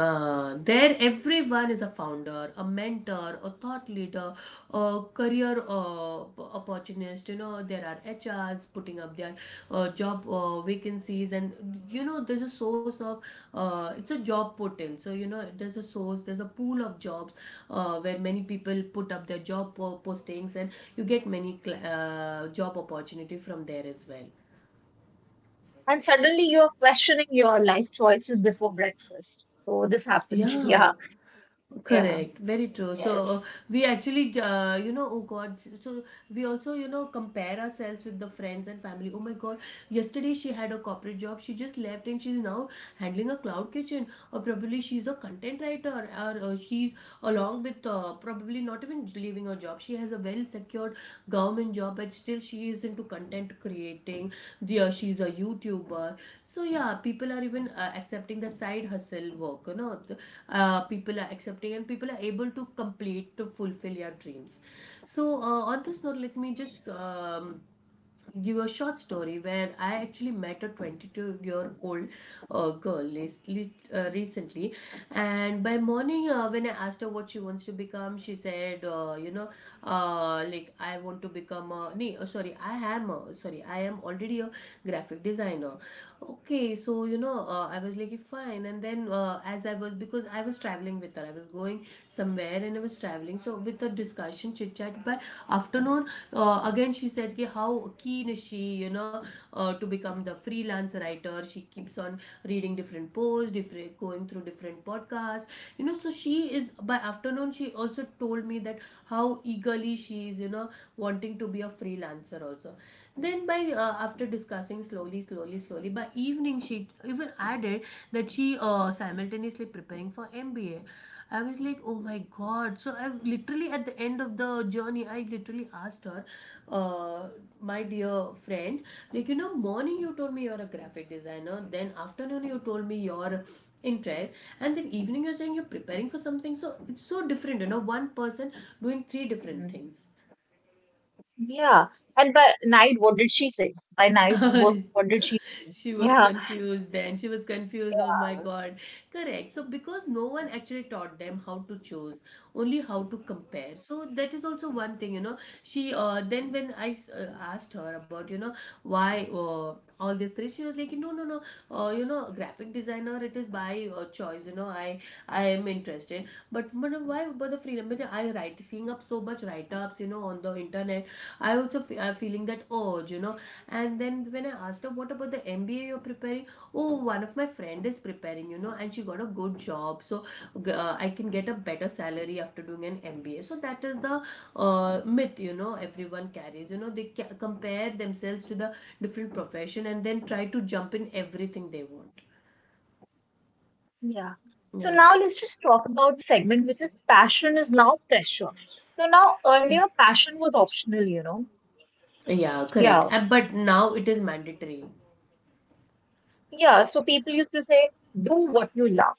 Speaker 1: There, everyone is a founder, a mentor, a thought leader, a career, opportunist. You know, there are HRs putting up their job vacancies, and you know, there's a source of, it's a job portal. So, you know, there's a source, there's a pool of jobs where many people put up their postings, and you get many job opportunity from there as well.
Speaker 2: And suddenly you're questioning your life choices before breakfast. So this happens.
Speaker 1: Yeah.
Speaker 2: Yeah, yeah,
Speaker 1: Correct, very true. So
Speaker 2: yes,
Speaker 1: we actually, you know, oh God, so we also, you know, compare ourselves with the friends and family. Oh my God, yesterday she had a corporate job. She just left and she's now handling a cloud kitchen, or probably she's a content writer, or she's along with, probably not even leaving her job, she has a well secured government job but still she is into content creating. Yeah, she's a youtuber, so yeah, people are even, accepting the side hustle work, you know, people are accepting and people are able to complete to fulfill your dreams. So on this note, let me just give a short story where I actually met a 22-year-old recently. And by morning, when I asked her what she wants to become, she said, like I want to become a, sorry, I am a, sorry, I am already a graphic designer. Okay, so you know, I was like, "Okay, fine." And then, as I was, because I was traveling with her, I was going somewhere and I was traveling. So, with the discussion, chit chat, but afternoon, again, she said, ki, how keen is she, you know, to become the freelance writer. She keeps on reading different posts, different, going through different podcasts, you know. So, she is, by afternoon, she also told me that how eagerly she is, you know, wanting to be a freelancer also. Then by, after discussing slowly, by evening she even added that she, simultaneously preparing for MBA. I was like, oh my god! So I literally at the end of the journey, I literally asked her, uh, my dear friend, like you know, morning you told me you're a graphic designer, then afternoon you told me your interest, and then evening you're saying you're preparing for something. So it's so different, you know, one person doing three different
Speaker 2: mm.
Speaker 1: things.
Speaker 2: Yeah. And by night, what did she say? By night, what did she? Say?
Speaker 1: She was
Speaker 2: Yeah,
Speaker 1: confused then. She was confused. Oh my God. Correct. So, because no one actually taught them how to choose, only how to compare. So, that is also one thing, you know. She, then when I asked her about, you know, why all these three, she was like, no, you know, graphic designer, it is by, choice, you know, I am interested. But, madam, why about the freedom? But I write seeing up so much write-ups, you know, on the internet. I also, am feeling that urge, you know. And then when I asked her what about the MBA you're preparing, oh one of my friend is preparing, you know, and she got a good job, so, I can get a better salary after doing an MBA. So that is the myth, you know, everyone carries, you know, they compare themselves to the different profession and then try to jump in everything they want.
Speaker 2: yeah. So
Speaker 1: Yeah.
Speaker 2: now let's just talk about the segment which is passion is now pressure. So now earlier passion was optional.
Speaker 1: Yeah, correct.
Speaker 2: Yeah.
Speaker 1: But now it is mandatory.
Speaker 2: Yeah. So people used to say, do what you love.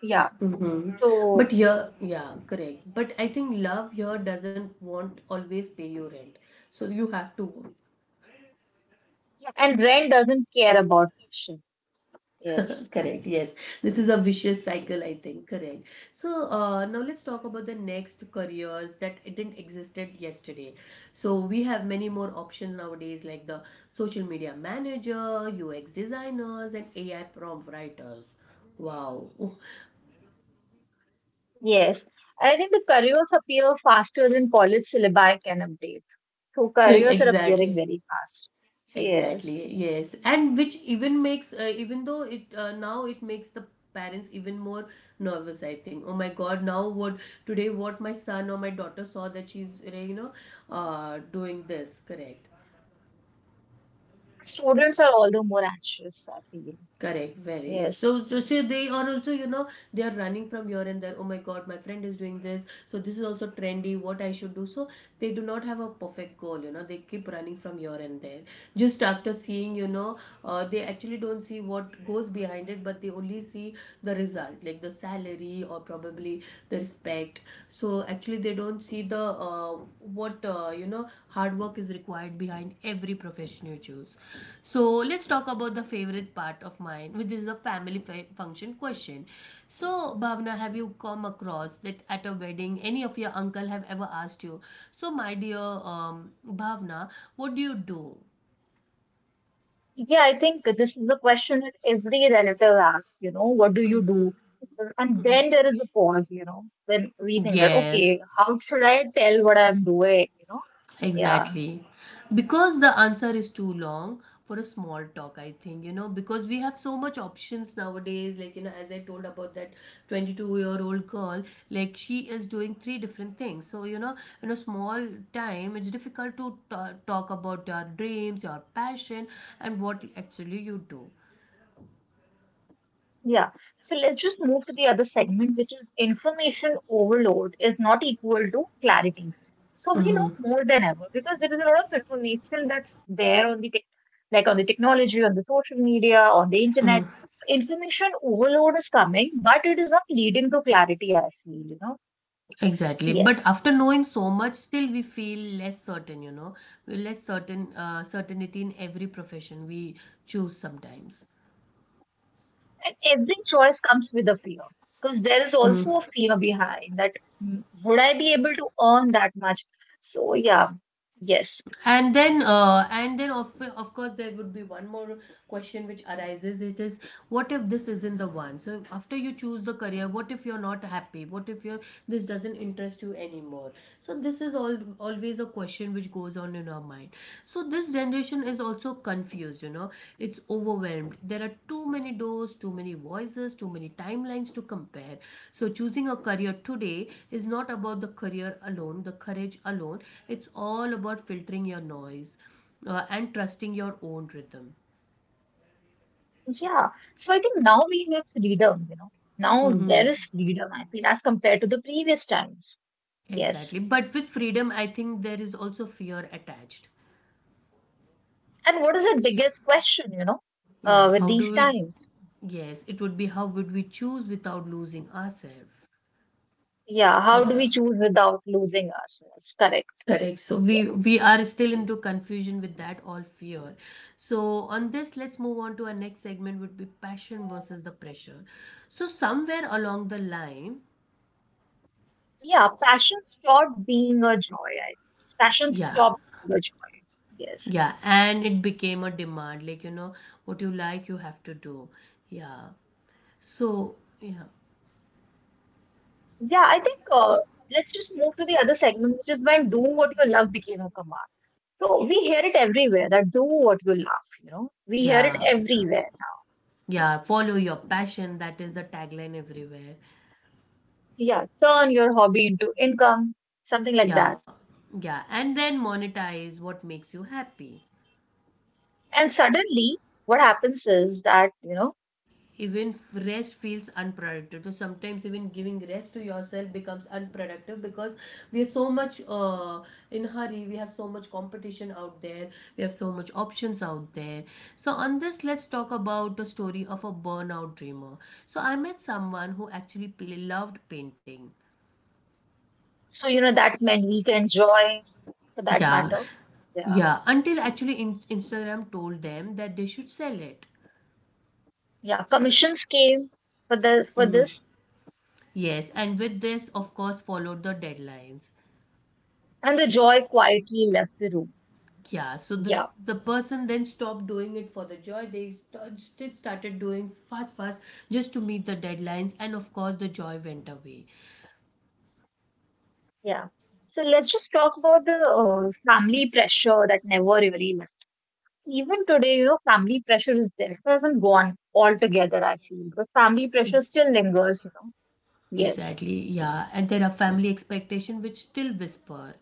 Speaker 2: Yeah.
Speaker 1: Mhm.
Speaker 2: So
Speaker 1: But yeah, yeah, correct. But I think love here doesn't want always pay you rent. So you have to work.
Speaker 2: yeah. And Ren doesn't care about passion. Yes.
Speaker 1: Correct. Yes. This is a vicious cycle, I think. Correct. So now let's talk about the next careers that it didn't existed yesterday. So we have many more options nowadays like the social media manager, UX designers, and AI prompt writers. Wow.
Speaker 2: Yes, I think the careers appear faster than college syllabi can update. So careers
Speaker 1: Exactly.
Speaker 2: are appearing very fast. Yes,
Speaker 1: Exactly, yes. And which even makes, even though it, now it makes the parents even more nervous, I think. Oh my God, now what today what my son or my daughter saw that she's, you know, doing this, correct?
Speaker 2: students are all the more anxious, I feel.
Speaker 1: Correct, very yes.
Speaker 2: Yes.
Speaker 1: So, so see, they are also, you know, they are running from here and there. Oh my God, my friend is doing this. So this is also trendy. What I should do. So they do not have a perfect goal. You know, they keep running from here and there. Just after seeing, you know, they actually don't see what goes behind it, but they only see the result, like the salary or probably the respect. So actually they don't see the, what you know, hard work is required behind every profession you choose. So let's talk about the favorite part of mine, which is the family function question. So Bhavna, have you come across that at a wedding, any of your uncle have ever asked you, so my dear, Bhavna, what do you do?
Speaker 2: Yeah, I think this is the question that every relative asks, what do you do? And then there is a pause, then we think that,
Speaker 1: Yeah.
Speaker 2: okay, how should I tell what I'm doing, you know? Yeah.
Speaker 1: Exactly. Because the answer is too long for a small talk, I think, you know, because we have so much options nowadays. Like, you know, as I told about that 22-year-old girl, like she is doing three different things. So, you know, in a small time, it's difficult to ta talk about your dreams, your passion, and what actually you do.
Speaker 2: Yeah. So let's just move to the other segment, which is information overload is not equal to clarity. So we know
Speaker 1: Mm-hmm.
Speaker 2: more than ever because there is a lot of information that's there on the tech, like on the technology, on the social media, on the internet. So information overload is coming, but it is not leading to clarity, I feel.
Speaker 1: Exactly. But
Speaker 2: Yes.
Speaker 1: after knowing so much, still we feel less certain, you know, we're less certain, certainty in every profession we choose sometimes.
Speaker 2: And every choice comes with a fear because there is
Speaker 1: Mm.
Speaker 2: also a fear behind that, would I be able to earn that much? So yeah, yes.
Speaker 1: And then, of course, there would be one more question which arises. It is, what if this isn't the one? So after you choose the career, what if you're not happy? What if you this doesn't interest you anymore? So this is all always a question which goes on in our mind. So this generation is also confused, you know, it's overwhelmed. There are too many doors, too many voices, too many timelines to compare. So, choosing a career today is not about the career alone, the courage alone. It's all about filtering your noise and trusting your own rhythm.
Speaker 2: Yeah. So I think now we have freedom. Now
Speaker 1: Hmm.
Speaker 2: there is freedom, I feel, as compared to the previous times. Yes.
Speaker 1: Exactly. But with freedom, I think there is also fear attached.
Speaker 2: And what is the biggest question,
Speaker 1: Yeah,
Speaker 2: with
Speaker 1: how
Speaker 2: these
Speaker 1: do we?
Speaker 2: times?
Speaker 1: Yes, it would be how would we choose without losing ourselves?
Speaker 2: Yeah. How do
Speaker 1: Yeah.
Speaker 2: we choose without losing ourselves? Correct.
Speaker 1: Correct. So
Speaker 2: Yeah.
Speaker 1: we we are still into confusion with that all fear. So on this, let's move on to our next segment would be passion versus the pressure. So somewhere along the line,
Speaker 2: Yeah. Passion stopped being a joy. I think. Passion
Speaker 1: yeah,
Speaker 2: stopped being a joy. Yes.
Speaker 1: yeah, and it became a demand, like you know, what you like, you have to do. Yeah. So yeah,
Speaker 2: Yeah. I think let's just move to the other segment, which is when do what you love became a command. So we hear it everywhere that do what you love, We hear it
Speaker 1: yeah,
Speaker 2: everywhere,
Speaker 1: yeah. Follow your passion. That is the tagline everywhere.
Speaker 2: yeah, turn your hobby into income, something like
Speaker 1: Yeah,
Speaker 2: that.
Speaker 1: yeah, and then monetize what makes you happy.
Speaker 2: And suddenly, what happens is that,
Speaker 1: Even rest feels unproductive, so sometimes even giving rest to yourself becomes unproductive because we are so much, in hurry, we have so much competition out there, we have so much options out there. So on this, let's talk about the story of a burnout dreamer. So I met someone who actually, loved painting.
Speaker 2: so, that meant we can join for that
Speaker 1: Yeah.
Speaker 2: matter. Yeah.
Speaker 1: Yeah, until actually, Instagram told them that they should sell it.
Speaker 2: Yeah. Commissions came for this,
Speaker 1: Yes, and with this, of course, followed the deadlines.
Speaker 2: and the joy quietly left the room.
Speaker 1: Yeah, so this
Speaker 2: Yeah.
Speaker 1: the person then stopped doing it for the joy. They started doing fast, fast just to meet the deadlines, and of course the joy went away.
Speaker 2: Yeah. So let's just talk about the family pressure that never really left. Even today, family pressure is there. It hasn't gone altogether, I feel, because family pressure still lingers. Yes.
Speaker 1: Exactly. Yeah, and there are family expectation which still whisper.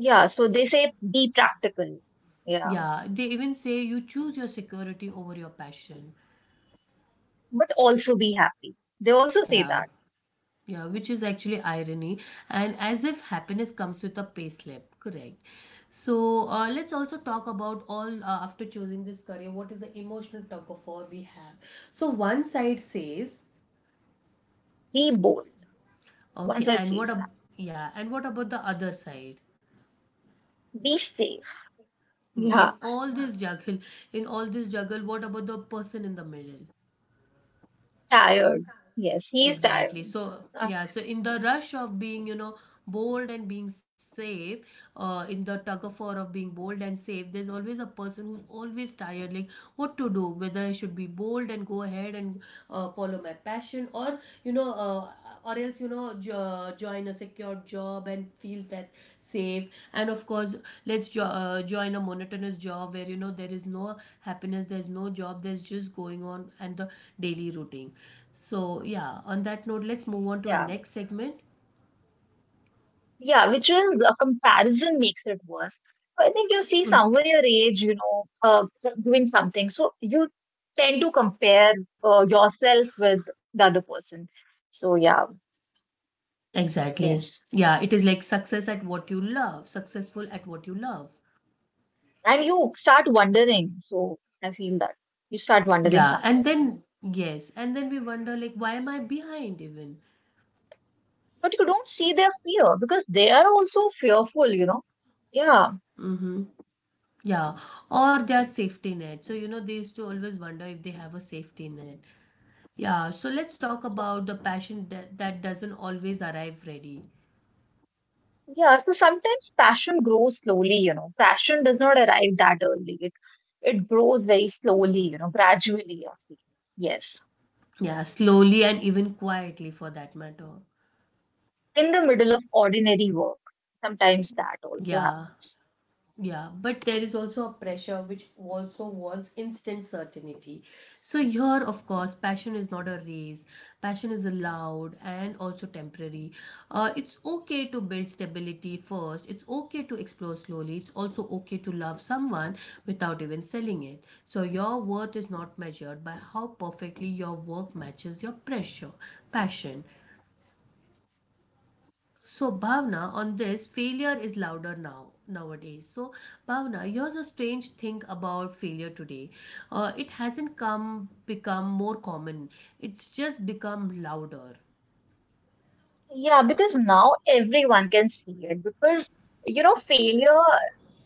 Speaker 2: Yeah, so they say be practical. Yeah,
Speaker 1: Yeah, they even say you choose your security over your passion.
Speaker 2: but also be happy. They also say
Speaker 1: Yeah.
Speaker 2: that.
Speaker 1: Yeah, which is actually irony, and as if happiness comes with a pay slip, correct? So let's also talk about all after choosing this career. What is the emotional tug of war we have? So one side says,
Speaker 2: Be bold. One
Speaker 1: okay,
Speaker 2: side
Speaker 1: and
Speaker 2: says that.
Speaker 1: what about the other side?
Speaker 2: Be safe.
Speaker 1: In
Speaker 2: Yeah,
Speaker 1: all this juggle, in all this juggle, what about the person in the middle?
Speaker 2: tired. Yes, he is tired.
Speaker 1: Exactly. So,
Speaker 2: Uh,
Speaker 1: yeah, so in the rush of being bold and being safe, in the tug of war of being bold and safe, there's always a person who's always tired, like what to do, whether I should be bold and go ahead and follow my passion, or, or else join a secure job and feel that safe, and of course join a monotonous job where you know there is no happiness, there's no job, there's just going on and the daily routine. So yeah, on that note, let's move on to our
Speaker 2: yeah,
Speaker 1: next segment.
Speaker 2: yeah, which is a comparison makes it worse. I think you see someone your age, doing something. So you tend to compare yourself with the other person. So, yeah,
Speaker 1: Exactly. Yeah, it is like
Speaker 2: yes.
Speaker 1: success at what you love, successful at what you love.
Speaker 2: And you start wondering. So I feel that you start wondering
Speaker 1: Yeah, and
Speaker 2: something,
Speaker 1: then yes, and then we wonder like why am I behind even.
Speaker 2: but you don't see their fear because they are also fearful, Yeah.
Speaker 1: Mm-hmm. Yeah, or their safety net. So, you know, they used to always wonder if they have a safety net. Yeah, so let's talk
Speaker 2: So,
Speaker 1: about the passion that doesn't always arrive ready.
Speaker 2: yeah. So sometimes passion grows slowly, Passion does not arrive that early. It grows very
Speaker 1: Mm.
Speaker 2: slowly, gradually. I feel. Yes.
Speaker 1: Yeah, slowly and even quietly for that matter.
Speaker 2: In the middle of ordinary work, sometimes that also
Speaker 1: Yeah.
Speaker 2: happens.
Speaker 1: Yeah, but there is also a pressure which also wants instant certainty. So, here, of course, passion is not a race, passion is allowed and also temporary. It's okay to build stability first, it's okay to explore slowly, it's also okay to love someone without even selling it. So, your worth is not measured by how perfectly your work matches your pressure, passion. So Bhavna, on this, failure is louder now nowadays. So Bhavna, here's a strange thing about failure today. It hasn't come become more common. It's just become louder.
Speaker 2: Yeah, because now everyone can see it because failure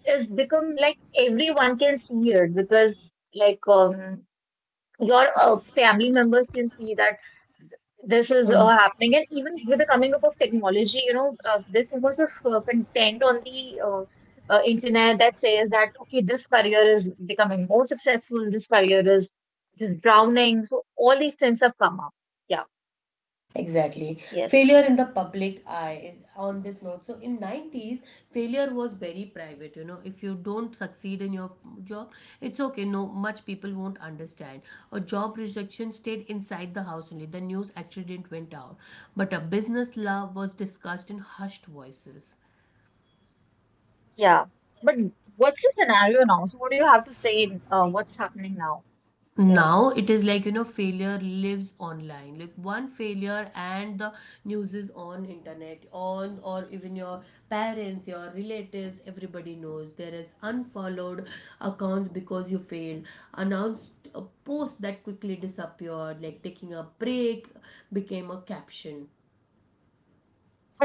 Speaker 2: is become like everyone can see it because like your family members can see that this is happening, and even with the coming up of technology there's so much of content on the internet that says that okay this career is becoming more successful, this career is just drowning, so all these things have come up. Yeah.
Speaker 1: Exactly.
Speaker 2: Yes.
Speaker 1: Failure in the public eye on this note. So in 90s, failure was very private, you know. If you don't succeed in your job, it's okay. No, much people won't understand. A job rejection stayed inside the house only. The news actually didn't went out. But a business love was discussed in hushed voices.
Speaker 2: Yeah. But what's the scenario now? So what do you have to say in what's happening now? Yeah.
Speaker 1: Now it is like you know failure lives online, like one failure and the news is on internet on, or even your parents, your relatives, everybody knows. There is unfollowed accounts because you failed, announced a post that quickly disappeared, like taking a break became a caption.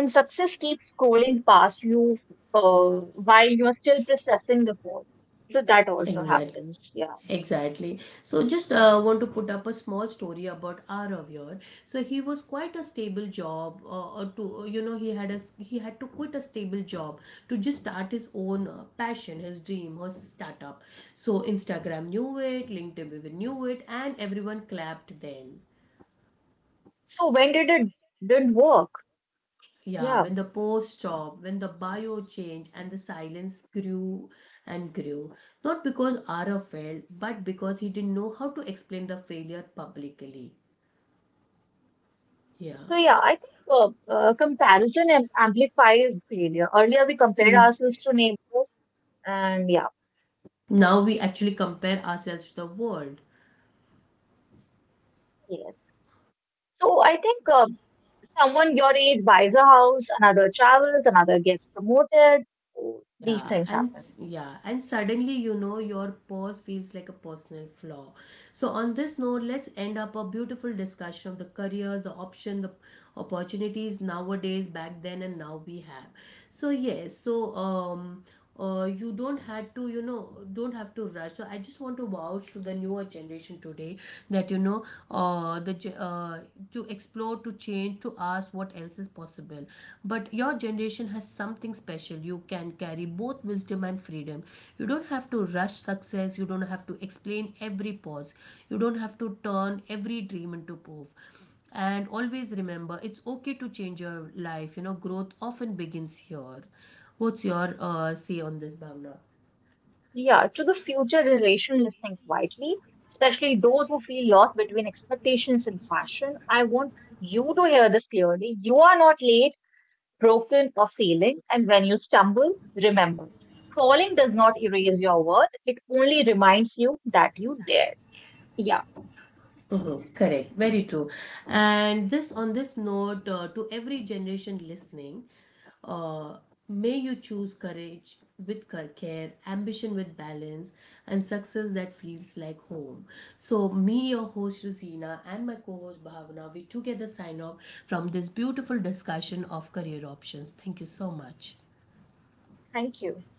Speaker 2: And success keeps scrolling past you while you're still processing the fall. So that also
Speaker 1: Exactly.
Speaker 2: happens. Yeah.
Speaker 1: Exactly. So, just want to put up a small story about Aravyar. So, he was quite a stable job, or to you know, he had to quit a stable job to just start his own passion, his dream, his startup. So, Instagram knew it, LinkedIn even knew it, and everyone clapped then.
Speaker 2: So when did it did work? Yeah.
Speaker 1: Yeah, when
Speaker 2: So
Speaker 1: the post stopped, when the bio changed, and the silence grew and grew. Not because Arav failed, but because he didn't know how to explain the failure publicly. Yeah.
Speaker 2: yeah, I think comparison amplifies failure. Earlier we compared
Speaker 1: Mm.
Speaker 2: ourselves to neighbors, and yeah,
Speaker 1: Now we actually compare ourselves to the world.
Speaker 2: yes. So I think someone your age buys a house, another travels, another gets promoted, these
Speaker 1: Yeah,
Speaker 2: things
Speaker 1: and
Speaker 2: happen.
Speaker 1: s- yeah, and suddenly you know your pause feels like a personal flaw. So on this note, let's end up a beautiful discussion of the careers, the option, the opportunities nowadays, back then, and now we have. So yes, so you don't had to you know don't have to rush, so I just want to vouch to the newer generation today that you know uh, the ge- uh, to explore, to change, to ask what else is possible. But your generation has something special, you can carry both wisdom and freedom. You don't have to rush success, you don't have to explain every pause, you don't have to turn every dream into proof, and always remember it's okay to change your life, you know growth often begins here. What's your say on this, Bhavna?
Speaker 2: Yeah, to the future generation listening quietly, especially those who feel lost between expectations and passion, I want you to hear this clearly. You are not late, broken, or failing, and when you stumble, remember. Falling does not erase your worth, it only reminds you that you dared. Yeah,
Speaker 1: Mhm, correct, very true. And this, on this note, to every generation listening, uh, may you choose courage with care, ambition with balance, and success that feels like home. So, me, your host Rosina, and my co host Bhavna, we together sign off from this beautiful discussion of career options. Thank you so much.
Speaker 2: thank you.